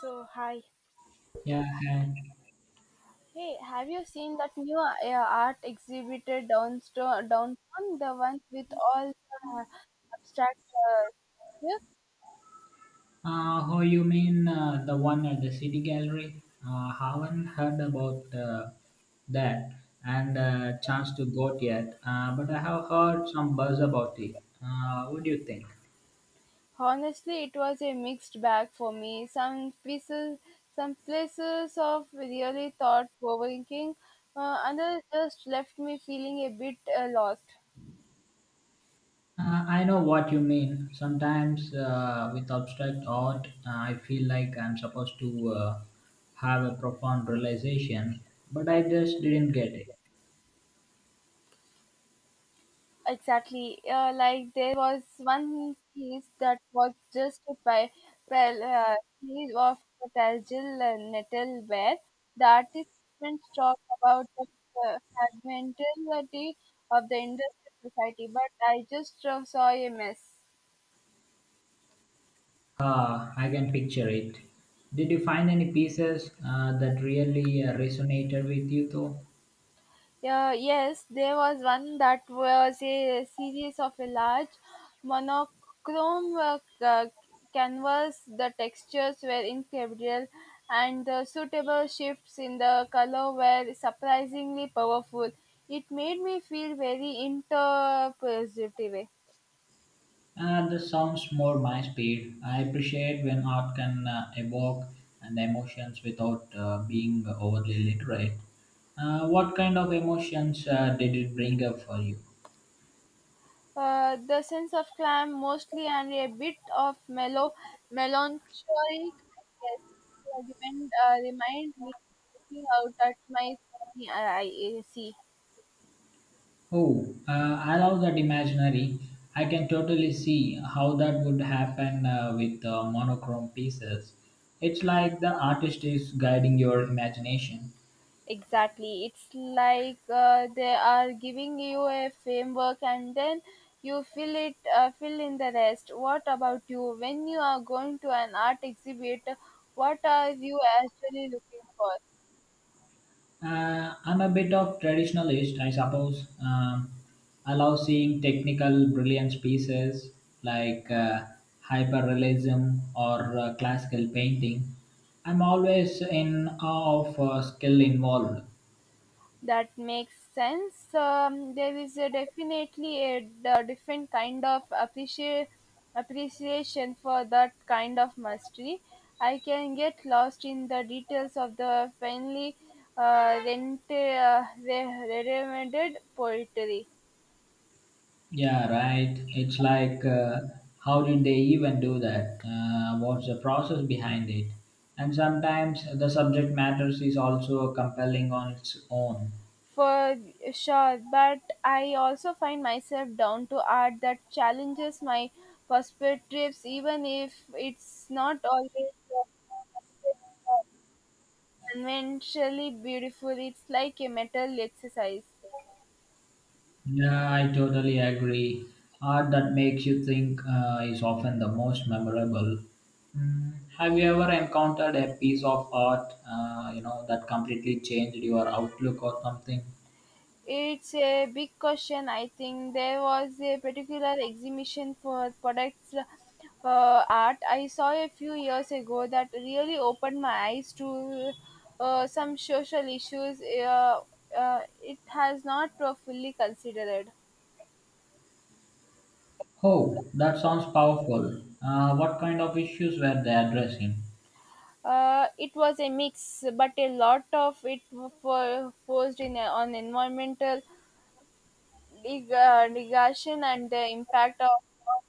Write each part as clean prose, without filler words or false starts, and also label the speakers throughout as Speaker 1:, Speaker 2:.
Speaker 1: So hi,
Speaker 2: Yeah, hi.
Speaker 1: hey, have you seen that new art exhibited downstairs downtown? The ones with all the abstract. Yeah?
Speaker 2: Oh, you mean the one at the City Gallery? Haven't heard about that and chance to go yet, but I have heard some buzz about it. What do you think?
Speaker 1: Honestly, it was a mixed bag for me. Some pieces, some places of really thought provoking, others just left me feeling a bit lost.
Speaker 2: I know what you mean. Sometimes with abstract art, I feel like I'm supposed to have a profound realization, but I just didn't get it.
Speaker 1: Exactly. Like there was one piece that was just by well, piece of fragile nettle where the artist even talk about the uh, fragmentality of the industrial society, but I just saw a mess.
Speaker 2: Ah, I can picture it. Did you find any pieces that really resonated with you, though?
Speaker 1: Yeah, yes, there was one that was a series of a large monochrome canvas. The textures were incredible, and the suitable shifts in the color were surprisingly powerful. It made me feel very interpositive.
Speaker 2: That sounds more my speed. I appreciate when art can evoke and emotions without being overly literate. What kind of emotions did it bring up for you?
Speaker 1: The sense of climb mostly and a bit of mellow melancholic yes, remind me looking out at my sunny I see
Speaker 2: Oh, I love that imaginary. I can totally see how that would happen with monochrome pieces. It's like the artist is guiding your imagination.
Speaker 1: exactly it's like they are giving you a framework and then you fill it fill in the rest. What about you when you are going to an art exhibit, what are you actually looking for?
Speaker 2: I'm a bit of traditionalist, I suppose. I love seeing technical brilliance pieces like hyperrealism or classical painting. I'm always in awe of skill involved.
Speaker 1: That makes sense. There is a definitely different kind of appreciation for that kind of mastery. I can get lost in the details of the finely regimented poetry.
Speaker 2: Yeah, right. It's like, how did they even do that? What's the process behind it? And sometimes the subject matters is also compelling on its own.
Speaker 1: For sure, but I also find myself down to art that challenges my perspectives, even if it's not always. Uh, Conventionally beautiful. It's like a metal exercise.
Speaker 2: Yeah, I totally agree. Art that makes you think is often the most memorable. Mm, have you ever encountered a piece of art, that completely changed your outlook or something?
Speaker 1: It's a big question. I think there was a particular exhibition for products art I saw a few years ago that really opened my eyes to some social issues, it has not fully considered.
Speaker 2: Oh, that sounds powerful. What kind of issues were they addressing?
Speaker 1: It was a mix, but a lot of it forced in on environmental digression and the impact of, of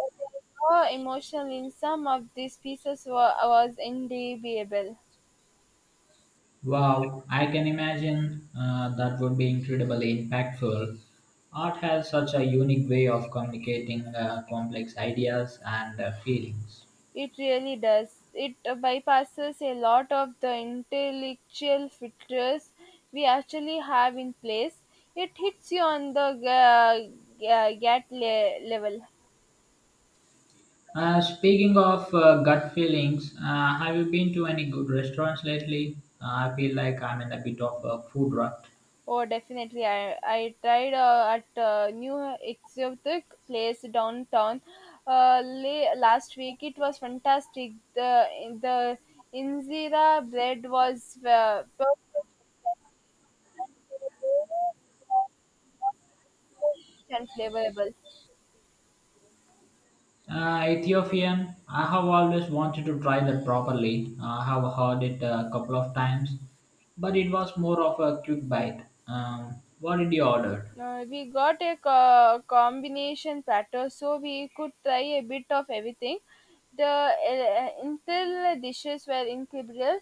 Speaker 1: uh, uh, raw emotion in some of these pieces was indelible.
Speaker 2: Wow, I can imagine that would be incredibly impactful. Art has such a unique way of communicating complex ideas and feelings.
Speaker 1: It really does. It bypasses a lot of the intellectual filters we actually have in place. It hits you on the gut level.
Speaker 2: Speaking of gut feelings, have you been to any good restaurants lately? I feel like I'm in a bit of a food rut.
Speaker 1: Oh, definitely. I tried at new exotic place downtown last week. It was fantastic. The injera bread was perfect and flavorable.
Speaker 2: Ethiopian, I have always wanted to try that properly. I have heard it a couple of times, but it was more of a quick bite. What did you order?
Speaker 1: We got a combination platter, so we could try a bit of everything. The Intel dishes were incredible,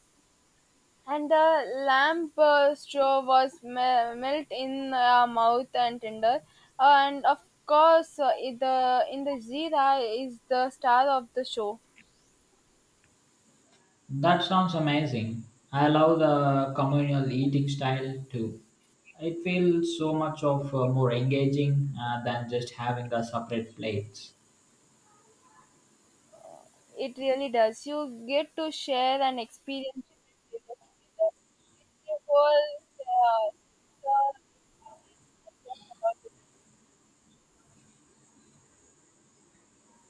Speaker 1: and the lamp straw was melt in our mouth and tender, and of course the in the zira is the star of the show.
Speaker 2: That sounds amazing. I love the communal eating style too. It feels so much of more engaging than just having the separate plates.
Speaker 1: It really does. You get to share and experience it together. It's a whole, uh, story.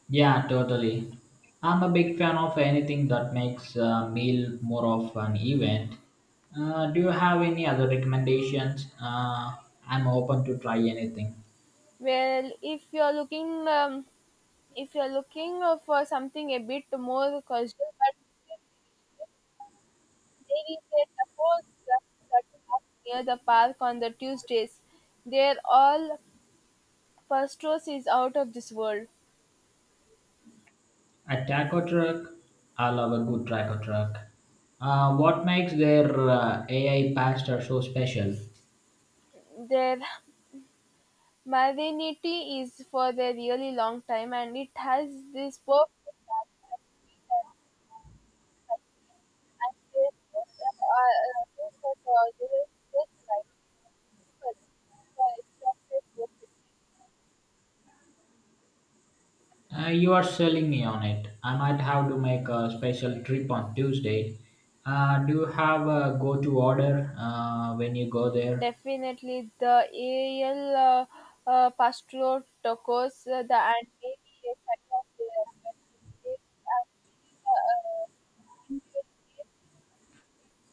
Speaker 2: Yeah, totally. I'm a big fan of anything that makes a meal more of an event. Do you have any other recommendations? I'm open to try anything.
Speaker 1: Well, if you're looking for something a bit more casual, but Mary played the whole that half near the park on the Tuesdays. They are all Pastros is out of this world.
Speaker 2: A taco truck? I love a good taco truck. What makes their AI pasta so special?
Speaker 1: Their modernity is for the really long time and it has this perfect balance, and their food are food for the just right people for extra.
Speaker 2: You are selling me on it. I might have to make a special trip on Tuesday. Do you have a go to order when you go there?
Speaker 1: Definitely, the Al Pastor tacos, the and maybe a set of it's actually Indian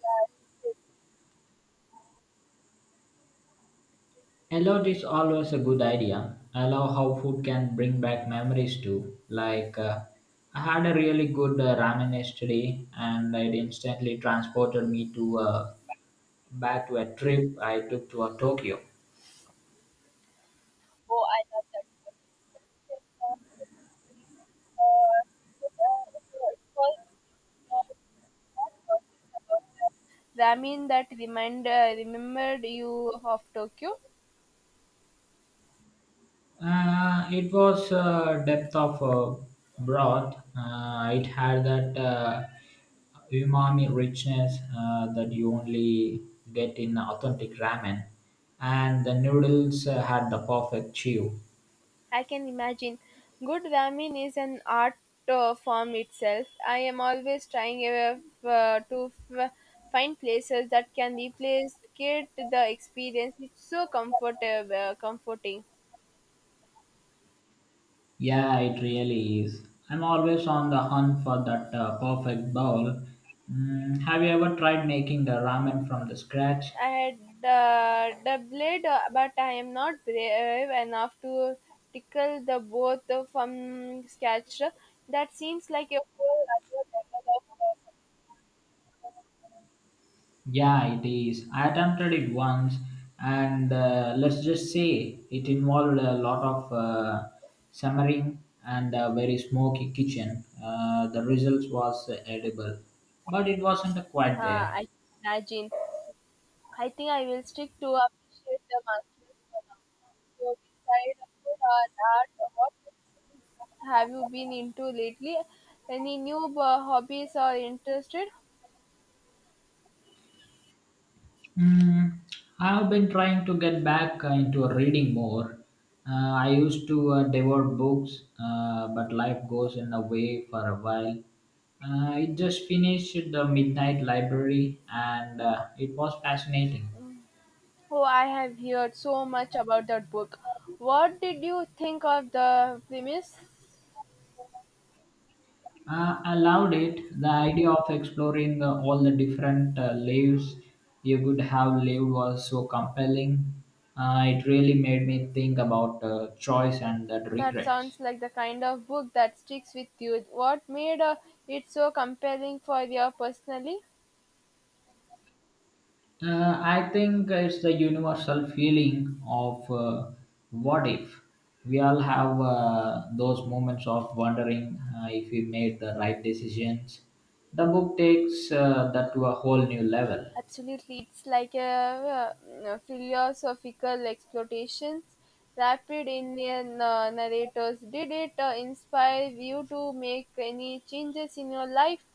Speaker 1: that is.
Speaker 2: A lot is always a good idea. I love how food can bring back memories too. Like, I had a really good ramen yesterday and it instantly transported me to back to a trip I took to Tokyo.
Speaker 1: Oh, I love that one. It's not, uh, it's, uh, uh, not talking about the Ramen that remind remembered you of Tokyo.
Speaker 2: It was depth of broth. It had that umami richness that you only get in authentic ramen, and the noodles had the perfect chew.
Speaker 1: I can imagine. Good ramen is an art form itself. I am always trying to find places that can replace get the experience. It's so comfortable, comforting.
Speaker 2: Yeah, it really is. I'm always on the hunt for that perfect bowl. Mm, have you ever tried making the ramen from the scratch?
Speaker 1: I had the blade, but I am not brave enough to tickle the both from scratch. That seems like a whole other level of.
Speaker 2: Yeah, it is. I attempted it once, and let's just say it involved a lot of simmering and a very smoky kitchen. The results was edible, but it wasn't quite there.
Speaker 1: I imagine. I think I will stick to appreciate the masters for now. So beside of course, art, art, what have you been into lately? Any new hobbies or interested?
Speaker 2: Mm, I have been trying to get back into reading more. I used to devour books, but life goes in a way for a while. I just finished the Midnight Library and it was fascinating.
Speaker 1: Oh, I have heard so much about that book. What did you think of the premise?
Speaker 2: I loved it. The idea of exploring all the different lives you could have lived was so compelling. It really made me think about choice and that
Speaker 1: That
Speaker 2: regrets.
Speaker 1: sounds like the kind of book that sticks with you. What made it so compelling for you personally?
Speaker 2: I think it's the universal feeling of what if. We all have those moments of wondering if we made the right decisions. The book takes that to a whole new level.
Speaker 1: Absolutely, it's like a philosophical exploration rapid in a narrators. Did it inspire you to make any changes in your life,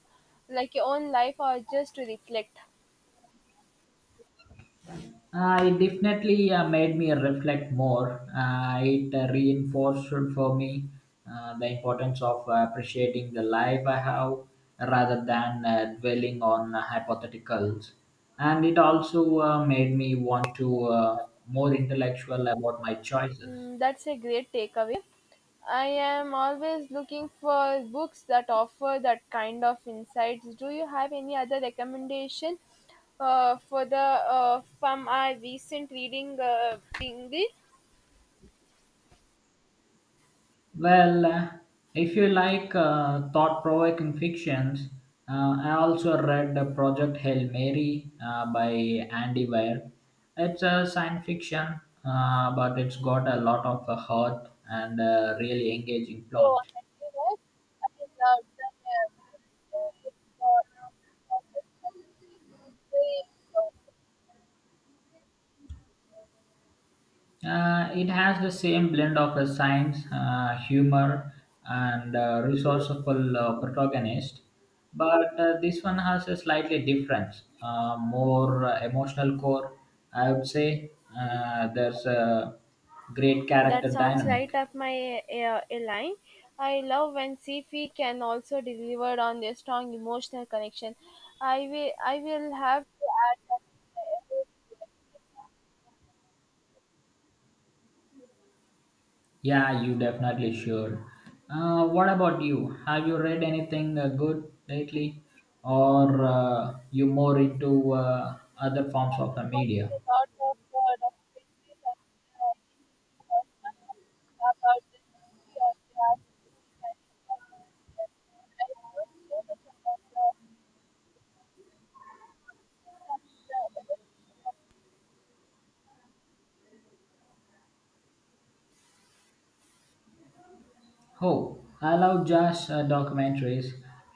Speaker 1: like your own life, or just to reflect?
Speaker 2: It definitely made me reflect more. It reinforced for me the importance of appreciating the life I have rather than dwelling on hypotheticals. And it also made me want to more intellectual about my choices.
Speaker 1: Mm, that's a great takeaway. I am always looking for books that offer that kind of insights. Do you have any other recommendation for the from our recent reading? Thingy?
Speaker 2: Well, if you like thought-provoking fictions, I also read Project Hail Mary by Andy Weir. It's a science fiction, but it's got a lot of heart and really engaging
Speaker 1: So
Speaker 2: plot.
Speaker 1: happiness, I love the because, it's also very uh,
Speaker 2: It has the same blend of a science, humor, and resourceful protagonist, but this one has a slightly different, more emotional core. I would say there's a great
Speaker 1: that
Speaker 2: character
Speaker 1: sounds right
Speaker 2: dynamic.
Speaker 1: up my line. I love when CFI can also deliver on their strong emotional connection. I will have to add uh,
Speaker 2: Yeah, you definitely should. What about you? Have you read anything good lately, or you more into other
Speaker 1: I
Speaker 2: forms
Speaker 1: have
Speaker 2: of
Speaker 1: been watching
Speaker 2: media?
Speaker 1: a lot of documentaries and uh, was one of about the history of the art, and it was I learned so much about the.
Speaker 2: Oh, I love jazz documentaries.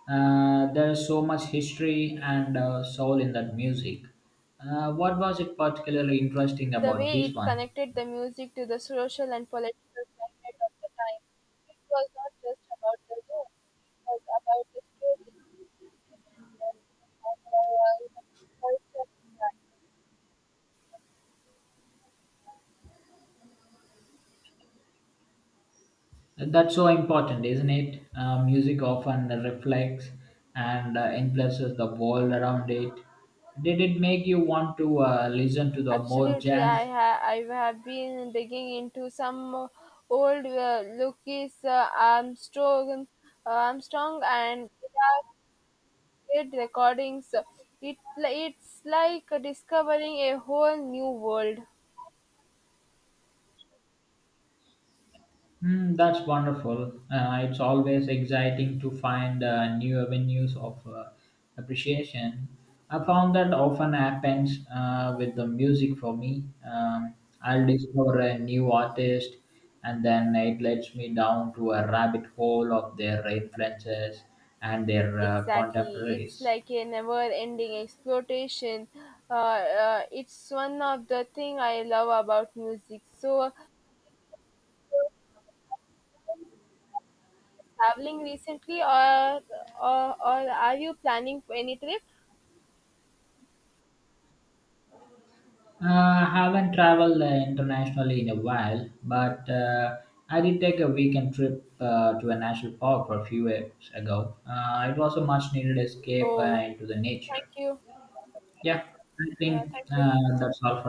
Speaker 2: There's so much history and soul in that music. What was it particularly interesting
Speaker 1: The
Speaker 2: about
Speaker 1: way it
Speaker 2: this one?
Speaker 1: connected the music to the social and political climate of the time. It was not just about the room, it was about the stories they were and the culture impact.
Speaker 2: That's so important, isn't it? Music often reflects and influences the world around it. Did it make you want to listen to the more
Speaker 1: Absolutely, I
Speaker 2: jazz?
Speaker 1: have I have been digging into some old Armstrong and their recordings. It's like discovering a whole new world.
Speaker 2: Hmm, that's wonderful. It's always exciting to find new avenues of appreciation. I found that often happens with the music for me. I'll discover a new artist and then it lets me down to a rabbit hole of their influences and their
Speaker 1: Exactly, it's
Speaker 2: contemporaries.
Speaker 1: like a never-ending exploitation. It's one of the thing I love about music. So, traveling recently, or are you planning for any trip?
Speaker 2: Haven't traveled internationally in a while, but I did take a weekend trip to a national park for a few weeks ago. It was a much needed escape
Speaker 1: Oh,
Speaker 2: into the
Speaker 1: thank
Speaker 2: nature.
Speaker 1: you.
Speaker 2: Yeah, I
Speaker 1: Yeah,
Speaker 2: think
Speaker 1: thank you.
Speaker 2: that's all for